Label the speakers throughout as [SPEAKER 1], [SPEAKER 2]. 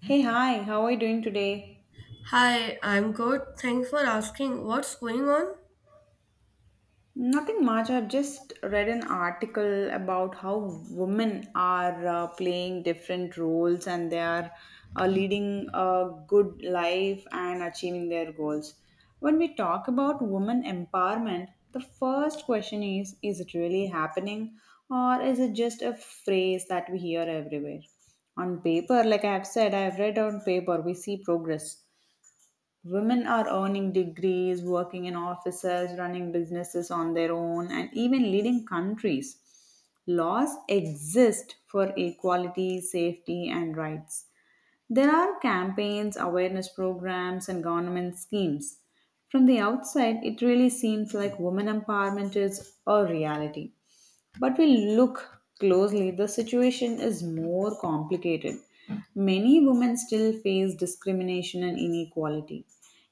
[SPEAKER 1] Hey, hi, how are you doing today?
[SPEAKER 2] Hi, I'm good. Thanks for asking. What's going on?
[SPEAKER 1] Nothing much. I've just read an article about how women are playing different roles and they are leading a good life and achieving their goals. When we talk about women empowerment, the first question is it really happening or is it just a phrase that we hear everywhere? On paper, like I've said, I've read on paper, we see progress. Women are earning degrees, working in offices, running businesses on their own, and even leading countries. Laws exist for equality, safety, and rights. There are campaigns, awareness programs, and government schemes. From the outside, it really seems like women empowerment is a reality. But we look closely, the situation is more complicated. Many women still face discrimination and inequality.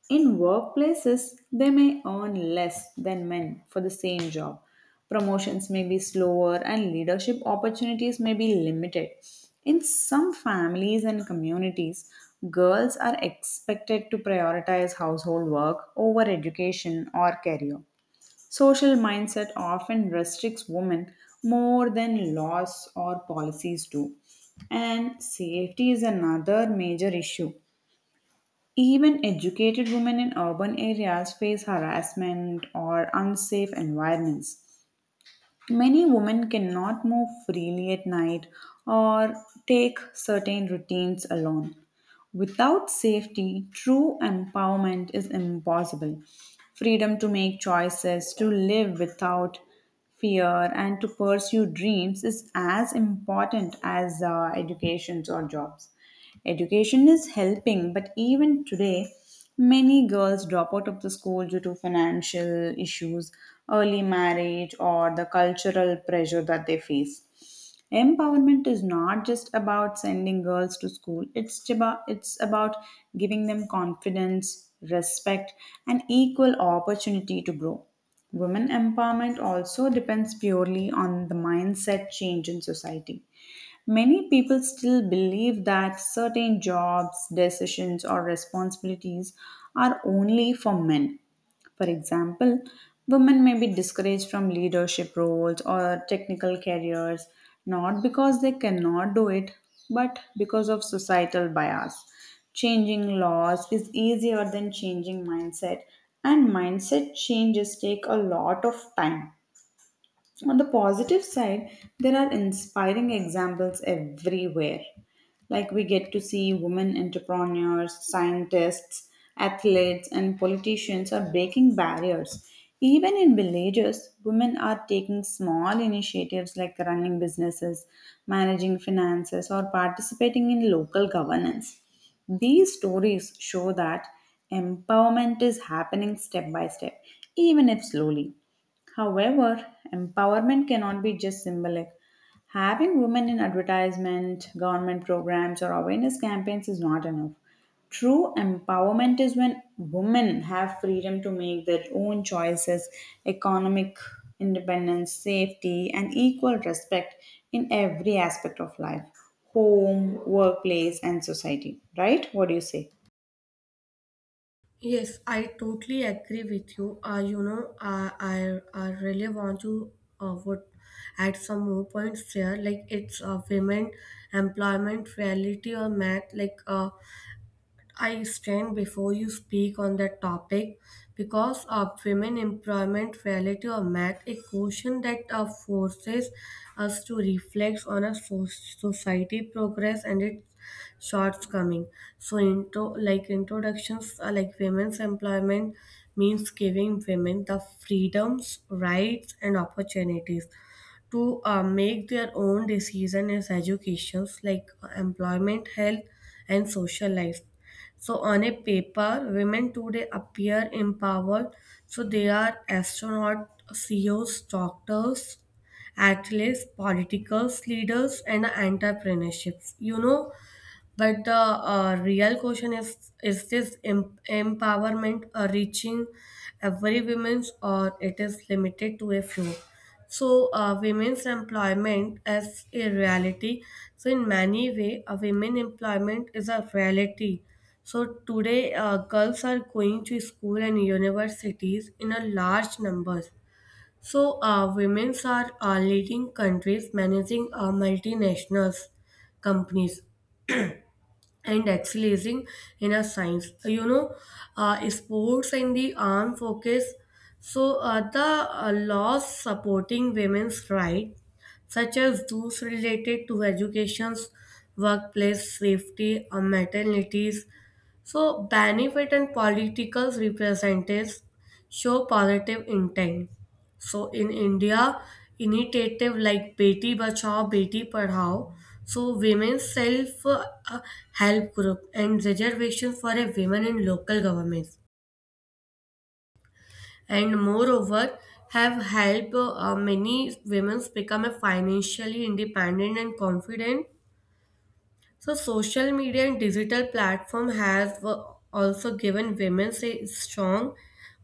[SPEAKER 1] In workplaces, they may earn less than men for the same job. Promotions may be slower and leadership opportunities may be limited. In some families and communities, girls are expected to prioritize household work over education or career. Social mindset often restricts women more than laws or policies do. And safety is another major issue. Even educated women in urban areas face harassment or unsafe environments. Many women cannot move freely at night or take certain routines alone. Without safety, true empowerment is impossible. Freedom to make choices, to live without fear, and to pursue dreams is as important as educations or jobs. Education is helping, but even today, many girls drop out of the school due to financial issues, early marriage, or the cultural pressure that they face. Empowerment is not just about sending girls to school. It's about giving them confidence, respect, and equal opportunity to grow. Women empowerment also depends purely on the mindset change in society. Many people still believe that certain jobs, decisions, or responsibilities are only for men. For example, women may be discouraged from leadership roles or technical careers not because they cannot do it, but because of societal bias. Changing laws is easier than changing mindset, and mindset changes take a lot of time. On the positive side, there are inspiring examples everywhere. Like we get to see women entrepreneurs, scientists, athletes, and politicians are breaking barriers. Even in villages, women are taking small initiatives like running businesses, managing finances, or participating in local governance. These stories show that empowerment is happening step by step, even if slowly. However, empowerment cannot be just symbolic. Having women in advertisement, government programs, or awareness campaigns is not enough. True empowerment is when women have freedom to make their own choices, economic independence, safety, and equal respect in every aspect of life: home, workplace, and society. Right? What do you say?
[SPEAKER 2] Yes, I totally agree with you. I really want to would add some more points there. Like it's women employment reality or math. I stand before you speak on that topic because of women employment relative or math, a question that forces us to reflect on a society progress and its shortcoming. So, introductions are like women's employment means giving women the freedoms, rights, and opportunities to make their own decision as educations employment health and social life, so on a paper, women today appear empowered. So they are astronauts, CEOs, doctors, athletes, politicals, leaders, and entrepreneurships. You know, but the real question is this empowerment reaching every women's, or it is limited to a few? So women's employment as a reality. So in many way, a women employment is a reality. So today, girls are going to school and universities in a large numbers. So women's are leading countries, managing multinationals companies and excelling in a science. Sports and the armed focus, so the laws supporting women's rights such as those related to educations, workplace safety, and maternities, so benefit and political representatives show positive intent. So in India, initiative like Beti Bachao, Beti Padhao, so women's self uh, help group and reservation for a women in local governments, and moreover have helped many women become a financially independent and confident. So social media and digital platform has also given women a strong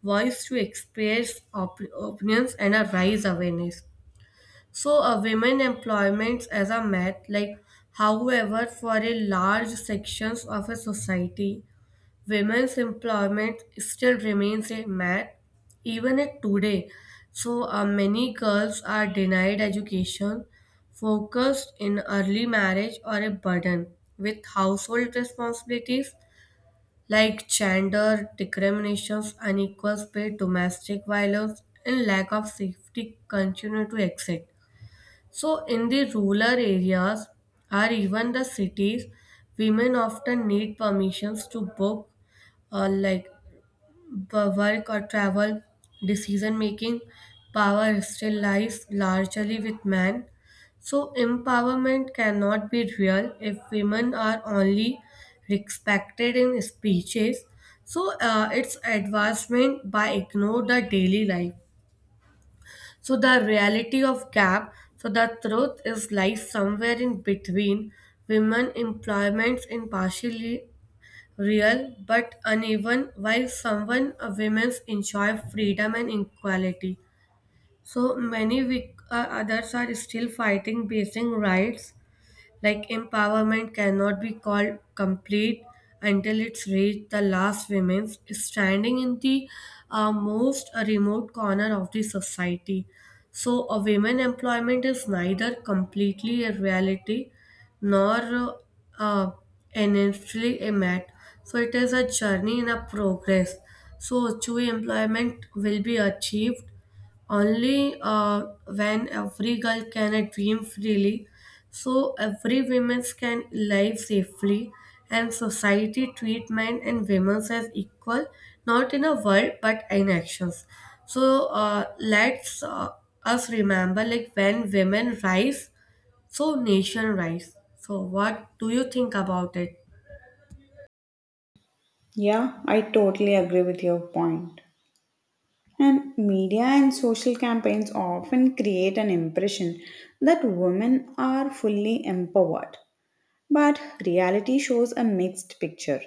[SPEAKER 2] voice to express opinions and a rise awareness. So, a women employments as a myth, like however, for a large sections of a society, women's employment still remains a myth, even at today. So, many girls are denied education, focused in early marriage or a burden with household responsibilities, like gender discriminations, unequal pay, domestic violence, and lack of safety continue to exist. So, in the rural areas or even the cities, women often need permissions to book or work or travel. Decision making power still lies largely with men. So, empowerment cannot be real if women are only respected in speeches. So, it's advancement by ignore the daily life. So the reality of gap, so the truth is lies somewhere in between. Women employments in partially real but uneven, while someone women's enjoy freedom and equality. So many we, others are still fighting basic rights, like empowerment cannot be called complete until it's reached the last women standing in the most remote corner of the society. So, a women employment is neither completely a reality nor uh, initially a mat. So it is a journey in a progress. So true employment will be achieved only when every girl can dream freely, so every woman can live safely and society treat men and women as equal, not in a word but in actions. So let's us remember, like when women rise, so nation rise. So what do you think about it?
[SPEAKER 1] Yeah, I totally agree with your point. And media and social campaigns often create an impression that women are fully empowered. But reality shows a mixed picture.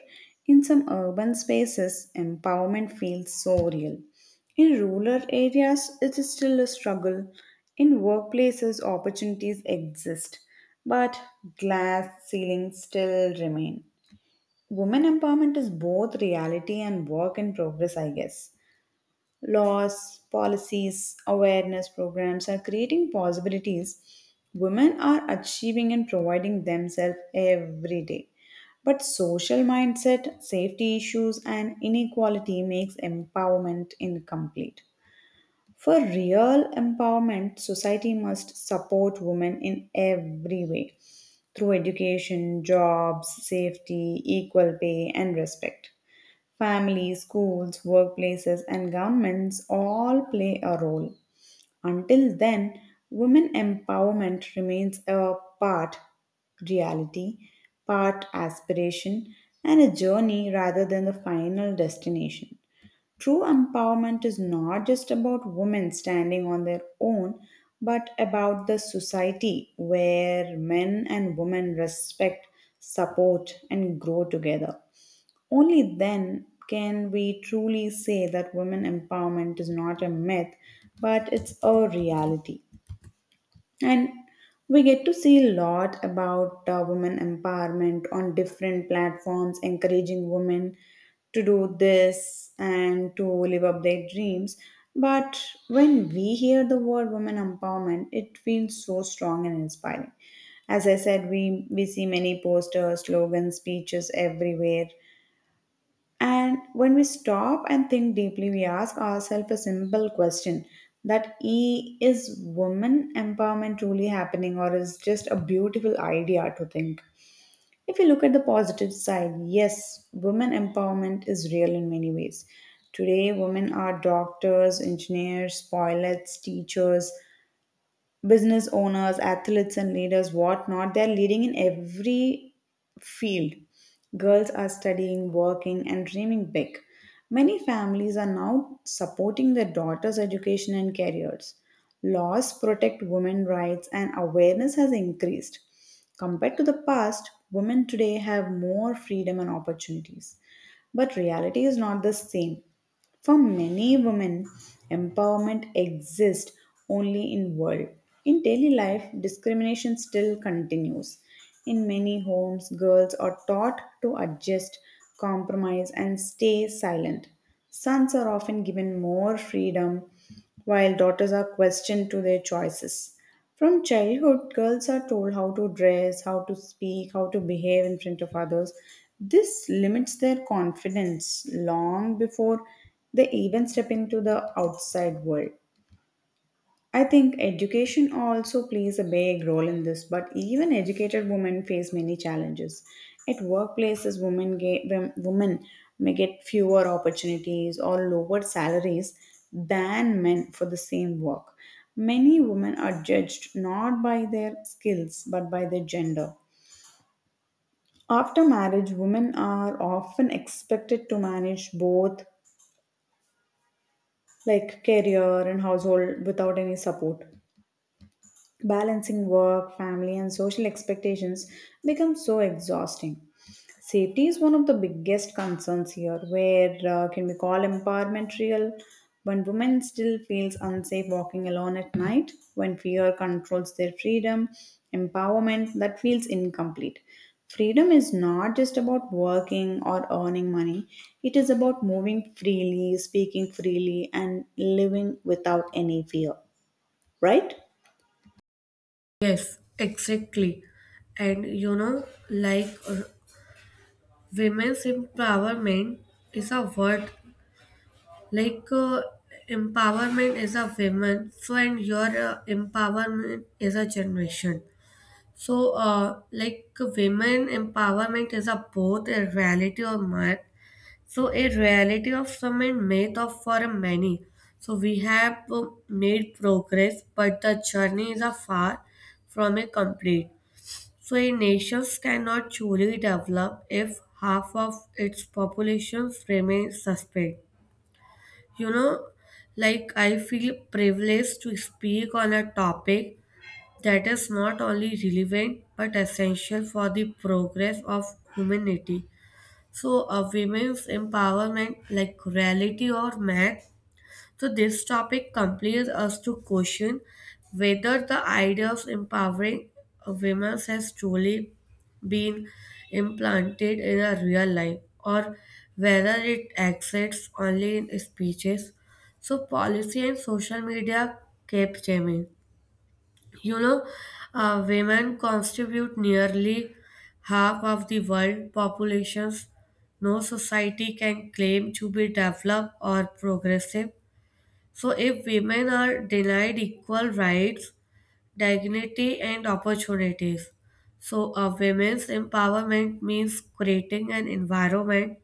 [SPEAKER 1] In some urban spaces, empowerment feels so real. In rural areas, it is still a struggle. In workplaces, opportunities exist, but glass ceilings still remain. Women empowerment is both reality and work in progress, I guess. Laws, policies, awareness programs are creating possibilities. Women are achieving and providing themselves every day. But social mindset, safety issues, and inequality makes empowerment incomplete. For real empowerment, society must support women in every way through education, jobs, safety, equal pay, and respect. Families, schools, workplaces, and governments all play a role. Until then, women empowerment remains a part reality, part aspiration, and a journey rather than the final destination. True empowerment is not just about women standing on their own, but about the society where men and women respect, support, and grow together. Only then can we truly say that women empowerment is not a myth, but it's a reality. And we get to see a lot about women empowerment on different platforms, encouraging women to do this and to live up their dreams. But when we hear the word women empowerment, it feels so strong and inspiring. As I said, we see many posters, slogans, speeches everywhere, and when we stop and think deeply, we ask ourselves a simple question, that e is woman empowerment truly happening, or is just a beautiful idea to think. If you look at the positive side, yes, women empowerment is real in many ways. Today, women are doctors, engineers, pilots, teachers, business owners, athletes, and leaders, whatnot. They're leading in every field. Girls are studying, working, and dreaming big. Many families are now supporting their daughters' education and careers. Laws protect women's rights, and awareness has increased. Compared to the past, women today have more freedom and opportunities. But reality is not the same. For many women, empowerment exists only in world. In daily life, discrimination still continues. In many homes, girls are taught to adjust, compromise, and stay silent. Sons are often given more freedom, while daughters are questioned to their choices. From childhood, girls are told how to dress, how to speak, how to behave in front of others. This limits their confidence long before they even step into the outside world. I think education also plays a big role in this, but even educated women face many challenges. At workplaces, women may get fewer opportunities or lower salaries than men for the same work. Many women are judged not by their skills but by their gender. After marriage, women are often expected to manage both like career and household without any support. Balancing work, family, and social expectations becomes so exhausting. Safety is one of the biggest concerns here, where can we call empowerment real? When women still feels unsafe walking alone at night, when fear controls their freedom, empowerment that feels incomplete. Freedom is not just about working or earning money. It is about moving freely, speaking freely, and living without any fear, right?
[SPEAKER 2] Yes, exactly. And you know, like uh, women's empowerment is a word. Like uh, Empowerment is a woman, so and your empowerment is a generation. So like women empowerment is a both a reality or myth. So a reality of some and myth of for many. So we have made progress, but the journey is a far from a complete. So a nation cannot truly develop if half of its populations remain suspect. You know, like I feel privileged to speak on a topic that is not only relevant but essential for the progress of humanity. So, a women's empowerment, like reality or math, so, this topic compels us to question whether the idea of empowering women has truly been implanted in our real life, or whether it exists only in speeches. So, policy and social media kept changing. You know, women constitute nearly half of the world populations. No society can claim to be developed or progressive, so, if women are denied equal rights, dignity, and opportunities, so a women's empowerment means creating an environment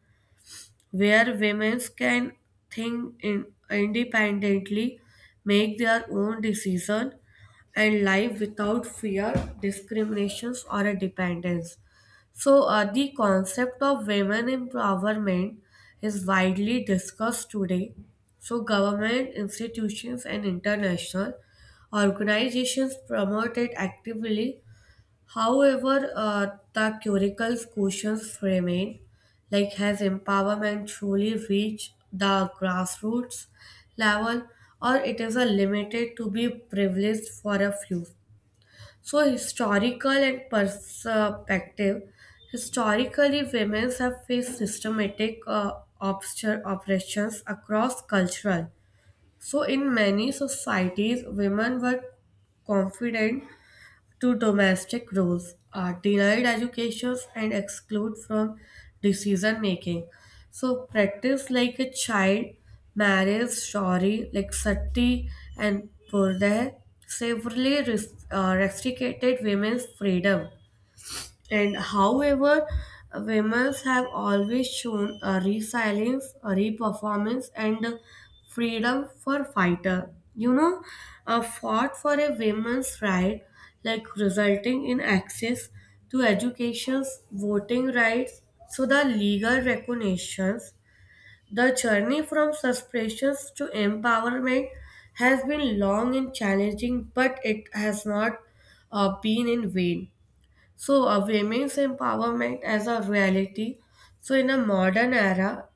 [SPEAKER 2] where women can independently, make their own decision, and live without fear, discriminations, or a dependence. So, the concept of women empowerment is widely discussed today. So, government institutions and international organizations promote it actively. However, the curriculum's questions remain, like has empowerment truly reached the grassroots level, or it is a limited to be privileged for a few? So, historical and perspective. Historically, women have faced systematic oppressions across cultural. So, in many societies, women were confident to domestic roles are denied educations and excluded from decision making. So practice like a child, marriage, shori, like sati and purde severely restricted women's freedom. And however, women have always shown a resilience, a reperformance, and a freedom for fighter. You know, a fought for a women's right, like resulting in access to education, voting rights, so the legal recognitions. The journey from suspicions to empowerment has been long and challenging, but it has not been in vain. So, women's empowerment as a reality. So, in a modern era,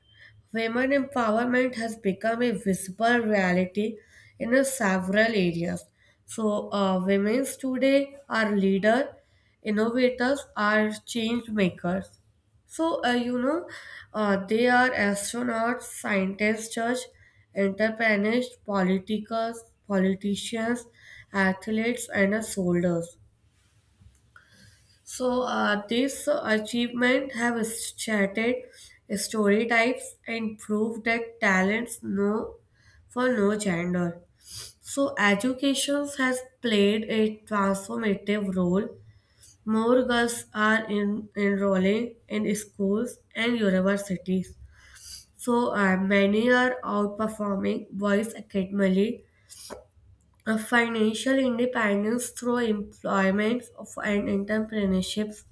[SPEAKER 2] women empowerment has become a visible reality in a several areas. So, women's today are leader, innovators, are change makers. So, they are astronauts, scientists, judge, entrepreneurs, politicals, politicians, athletes, and soldiers. So these achievements have shattered stereotypes and proved that talents no for no gender. So education has played a transformative role. More girls are enrolling in schools and universities. So many are outperforming boys academically. A financial independence through employment and entrepreneurship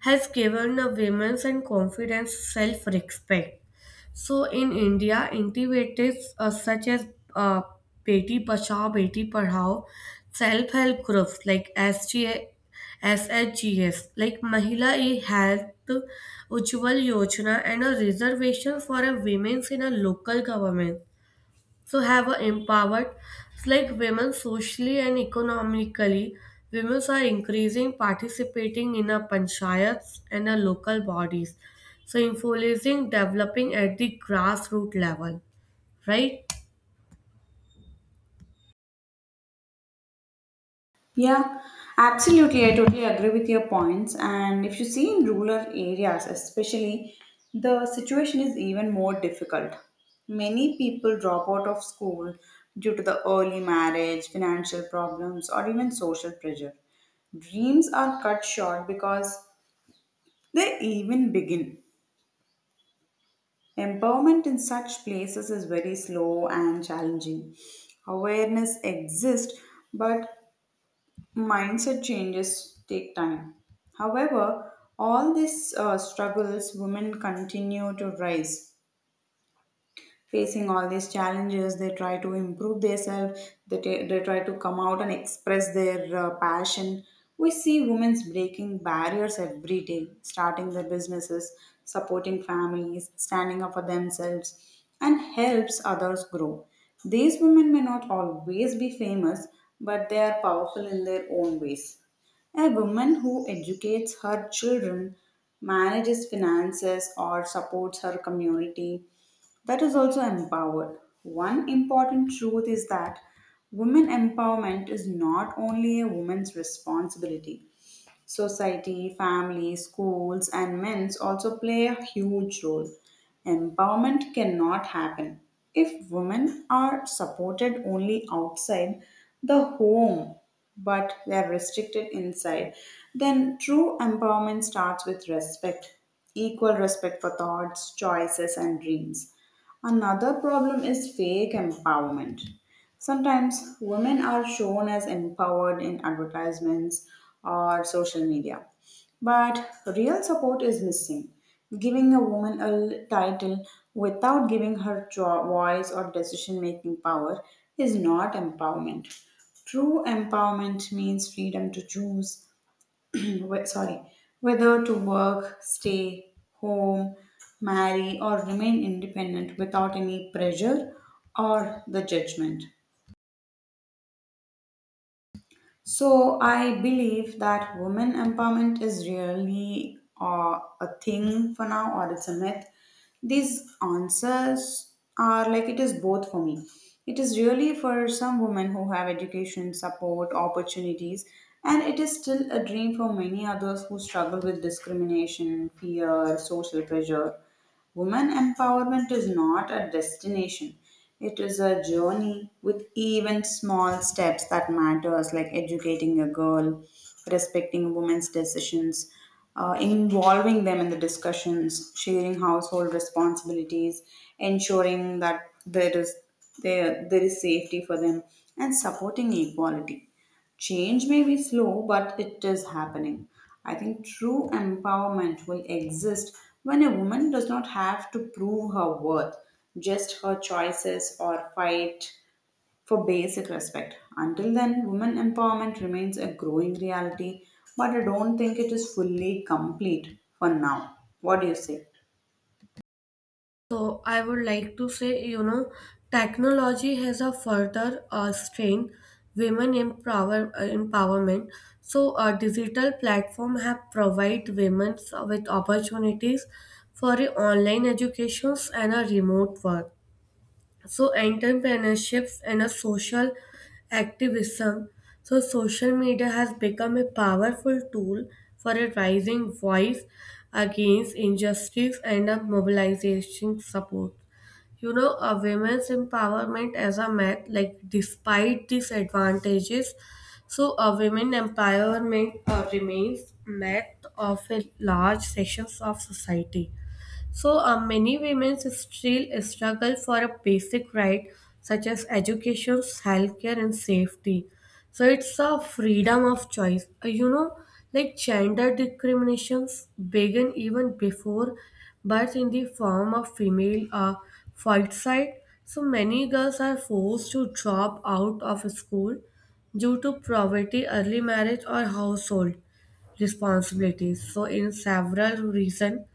[SPEAKER 2] has given the women and confidence self-respect. So in India, initiatives such as uh, Beti Bachao, Beti Padhao, self-help groups like SGA, like Mahila E Health Ujjwal Yojana and a reservation for a women in a local government, so have a empowered. It's like women socially and economically. Women are increasing participating in a panchayats and a local bodies. So influencing developing at the grassroots level, right?
[SPEAKER 1] Yeah, absolutely. I totally agree with your points. And if you see in rural areas, especially, the situation is even more difficult. Many people drop out of school due to the early marriage, financial problems, or even social pressure. Dreams are cut short because they even begin. Empowerment in such places is very slow and challenging. Awareness exists, but mindset changes take time. However, all these struggles, women continue to rise. Facing all these challenges, they try to improve themselves. They they try to come out and express their passion. We see women breaking barriers every day, starting their businesses, supporting families, standing up for themselves, and helps others grow. These women may not always be famous, but they are powerful in their own ways. A woman who educates her children, manages finances, or supports her community, that is also empowered. One important truth is that women empowerment is not only a woman's responsibility. Society, family, schools, and men's also play a huge role. Empowerment cannot happen if women are supported only outside the home but they are restricted inside. Then true empowerment starts with respect, equal respect for thoughts, choices, and dreams. Another problem is fake empowerment. Sometimes women are shown as empowered in advertisements or social media, but real support is missing. Giving a woman a title without giving her voice or decision making power is not empowerment. True empowerment means freedom to choose sorry, whether to work, stay home, marry, or remain independent without any pressure or the judgment. So I believe that women empowerment is really a thing for now, or it's a myth. These answers are like it is both for me. It is really for some women who have education, support, opportunities, and it is still a dream for many others who struggle with discrimination, fear, social pressure. Women empowerment is not a destination. It is a journey with even small steps that matters like educating a girl, respecting women's decisions, involving them in the discussions, sharing household responsibilities, ensuring that there is safety for them and supporting equality. Change may be slow, but it is happening. I think true empowerment will exist when a woman does not have to prove her worth, just her choices or fight for basic respect. Until then, women empowerment remains a growing reality, but I don't think it is fully complete for now. What do you say?
[SPEAKER 2] So I would like to say, you know, technology has a further strain women empowerment. So a digital platform have provide women with opportunities for a online educations and a remote work. So entrepreneurships and a social activism. So social media has become a powerful tool for a rising voice against injustice and a mobilization support. You know, a women's empowerment as a myth, like despite these advantages, so a women empowerment remains myth of a large sections of society. So, many women still struggle for a basic right such as education, healthcare, and safety. So, it's a freedom of choice. Like gender discriminations began even before birth in the form of female fight side. So, many girls are forced to drop out of school due to poverty, early marriage, or household responsibilities. So, in several reasons,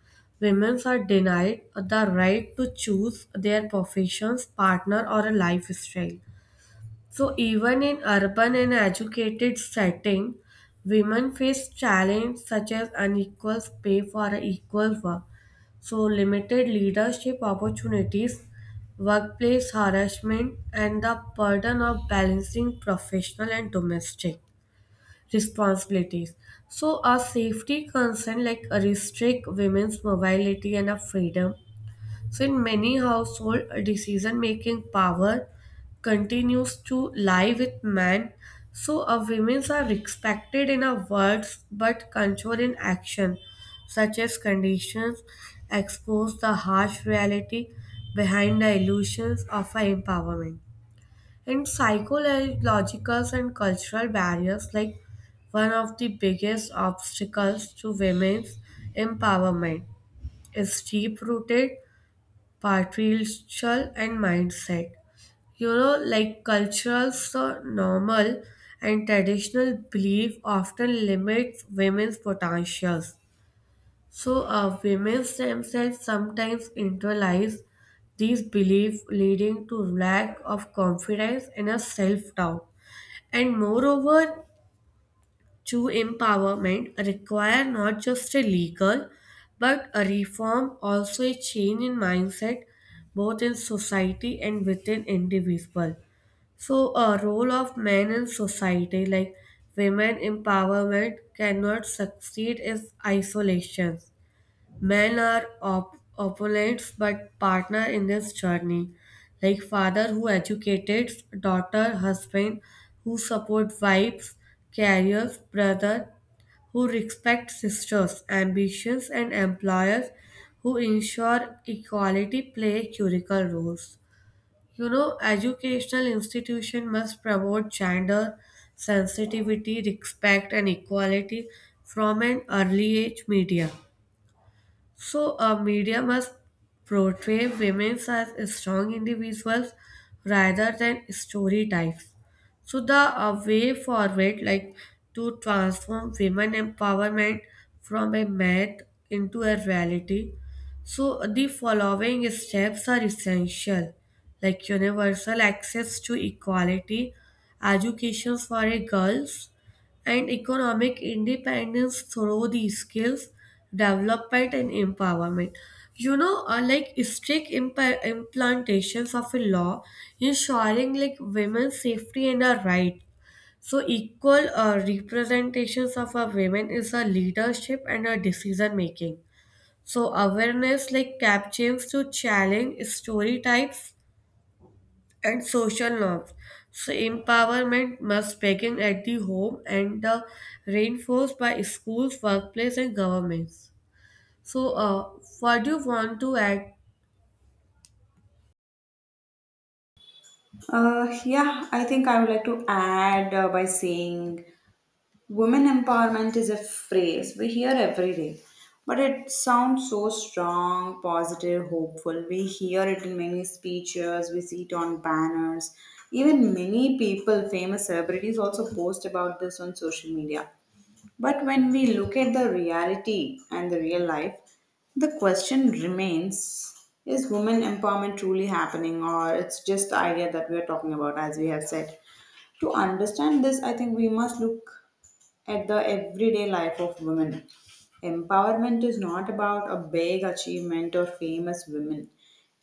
[SPEAKER 2] women are denied the right to choose their professions, partner, or a lifestyle. So even in urban and educated setting, women face challenges such as unequal pay for equal work, so limited leadership opportunities, workplace harassment, and the burden of balancing professional and domestic responsibilities. So, a safety concern like a restrict women's mobility and a freedom. So, in many household, decision making power continues to lie with men. So, a women's are respected in our words but controlled in action, such as conditions expose the harsh reality behind the illusions of our empowerment. And psychological and cultural barriers, like one of the biggest obstacles to women's empowerment, is deep rooted patriarchal and mindset. You know, like cultural, so normal and traditional belief often limits women's potentials. So, women themselves sometimes internalize these beliefs, leading to lack of confidence and a self doubt. And moreover, true empowerment require not just a legal but a reform, also a change in mindset, both in society and within individual. So a role of men in society, like women empowerment cannot succeed in isolation. Men are opponents but partner in this journey. Like father who educates, daughter, husband who support wives, carriers, brother who respect sisters, ambitions and employers who ensure equality play critical roles. You know, educational institution must promote gender sensitivity, respect and equality from an early age media. So, a media must portray women as strong individuals rather than story types. So, the way forward, like to transform women empowerment from a myth into a reality. So, the following steps are essential, like universal access to equality, education for a girls, and economic independence through the skills development and empowerment. You know, like strict implantations of a law ensuring like women's safety and a right. So equal representations of a women is a leadership and a decision making. So awareness like cap chains to challenge stereotypes and social norms. So empowerment must begin at the home and reinforced by schools, workplace, and governments. So, what do you want to add?
[SPEAKER 1] Yeah, I think I would like to add by saying, women empowerment is a phrase we hear every day, but it sounds so strong, positive, hopeful. We hear it in many speeches, we see it on banners. Even many people, famous celebrities, also post about this on social media. But when we look at the reality and the real life, the question remains, is women empowerment truly happening, or it's just the idea that we are talking about, as we have said. To understand this, I think we must look at the everyday life of women. Empowerment is not about a big achievement or famous women.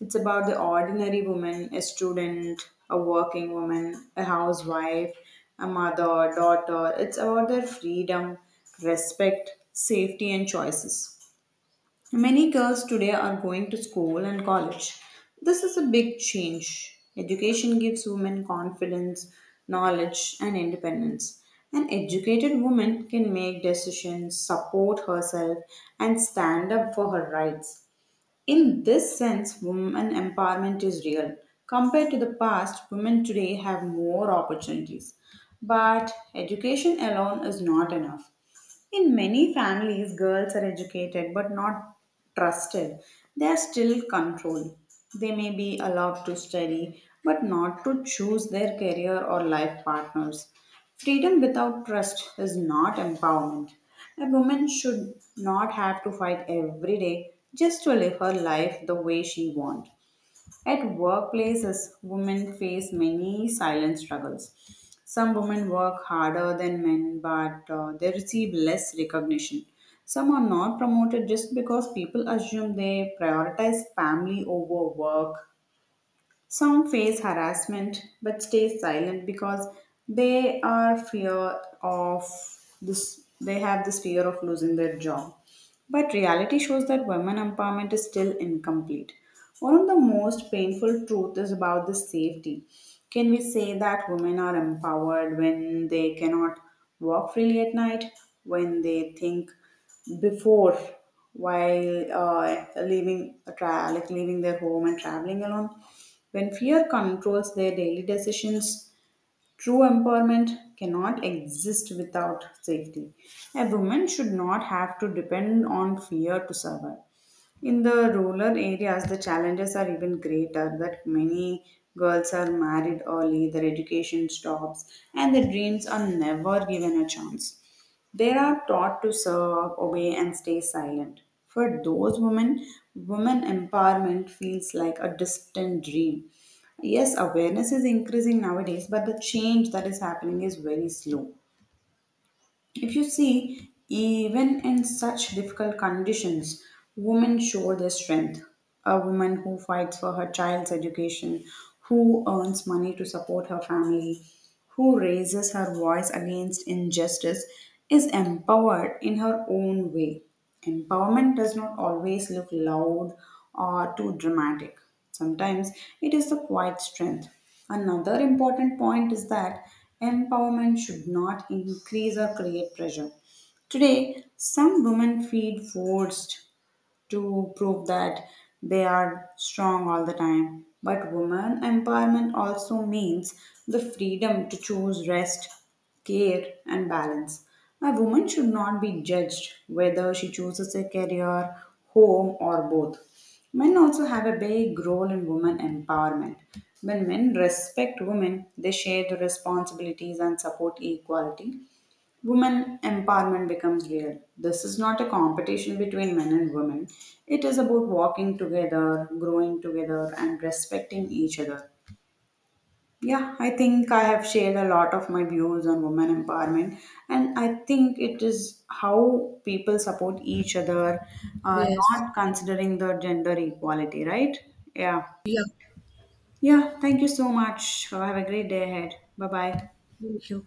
[SPEAKER 1] It's about the ordinary woman, a student, a working woman, a housewife, a mother, daughter. It's about their freedom, respect, safety, and choices. Many girls today are going to school and college. This is a big change. Education gives women confidence, knowledge, and independence. An educated woman can make decisions, support herself, and stand up for her rights. In this sense, women empowerment is real. Compared to the past, women today have more opportunities. But education alone is not enough. In many families, girls are educated but not trusted. They are still controlled. They may be allowed to study but not to choose their career or life partners. Freedom without trust is not empowerment. A woman should not have to fight every day just to live her life the way she wants. At workplaces, women face many silent struggles. Some women work harder than men, but they receive less recognition. Some are not promoted just because people assume they prioritize family over work. Some face harassment but stay silent because they are fear of they have this fear of losing their job. But reality shows that women empowerment is still incomplete. One of the most painful truths is about the safety. Can we say that women are empowered when they cannot walk freely at night, when they think before while like leaving their home and traveling alone, when fear controls their daily decisions? True empowerment cannot exist without safety. A woman should not have to depend on fear to survive. In the rural areas, the challenges are even greater that many girls are married early, their education stops, and their dreams are never given a chance. They are taught to serve, obey, and stay silent. For those women, women empowerment feels like a distant dream. Yes, awareness is increasing nowadays, but the change that is happening is very slow. If you see, even in such difficult conditions, women show their strength. A woman who fights for her child's education, who earns money to support her family, who raises her voice against injustice, is empowered in her own way. Empowerment does not always look loud or too dramatic. Sometimes it is the quiet strength. Another important point is that empowerment should not increase or create pressure. Today, some women feel forced to prove that they are strong all the time. But woman empowerment also means the freedom to choose rest, care, and balance. A woman should not be judged whether she chooses a career, home, or both. Men also have a big role in women empowerment. When men respect women, they share the responsibilities and support equality. Women empowerment becomes real. This is not a competition between men and women. It is about walking together, growing together, and respecting each other. Yeah, I think I have shared a lot of my views on women empowerment, and I think it is how people support each other, uh,
[SPEAKER 2] Yes.
[SPEAKER 1] not considering the gender equality, right? Yeah.
[SPEAKER 2] Yeah.
[SPEAKER 1] Yeah, thank you so much. Have a great day ahead. Bye bye.
[SPEAKER 2] Thank you.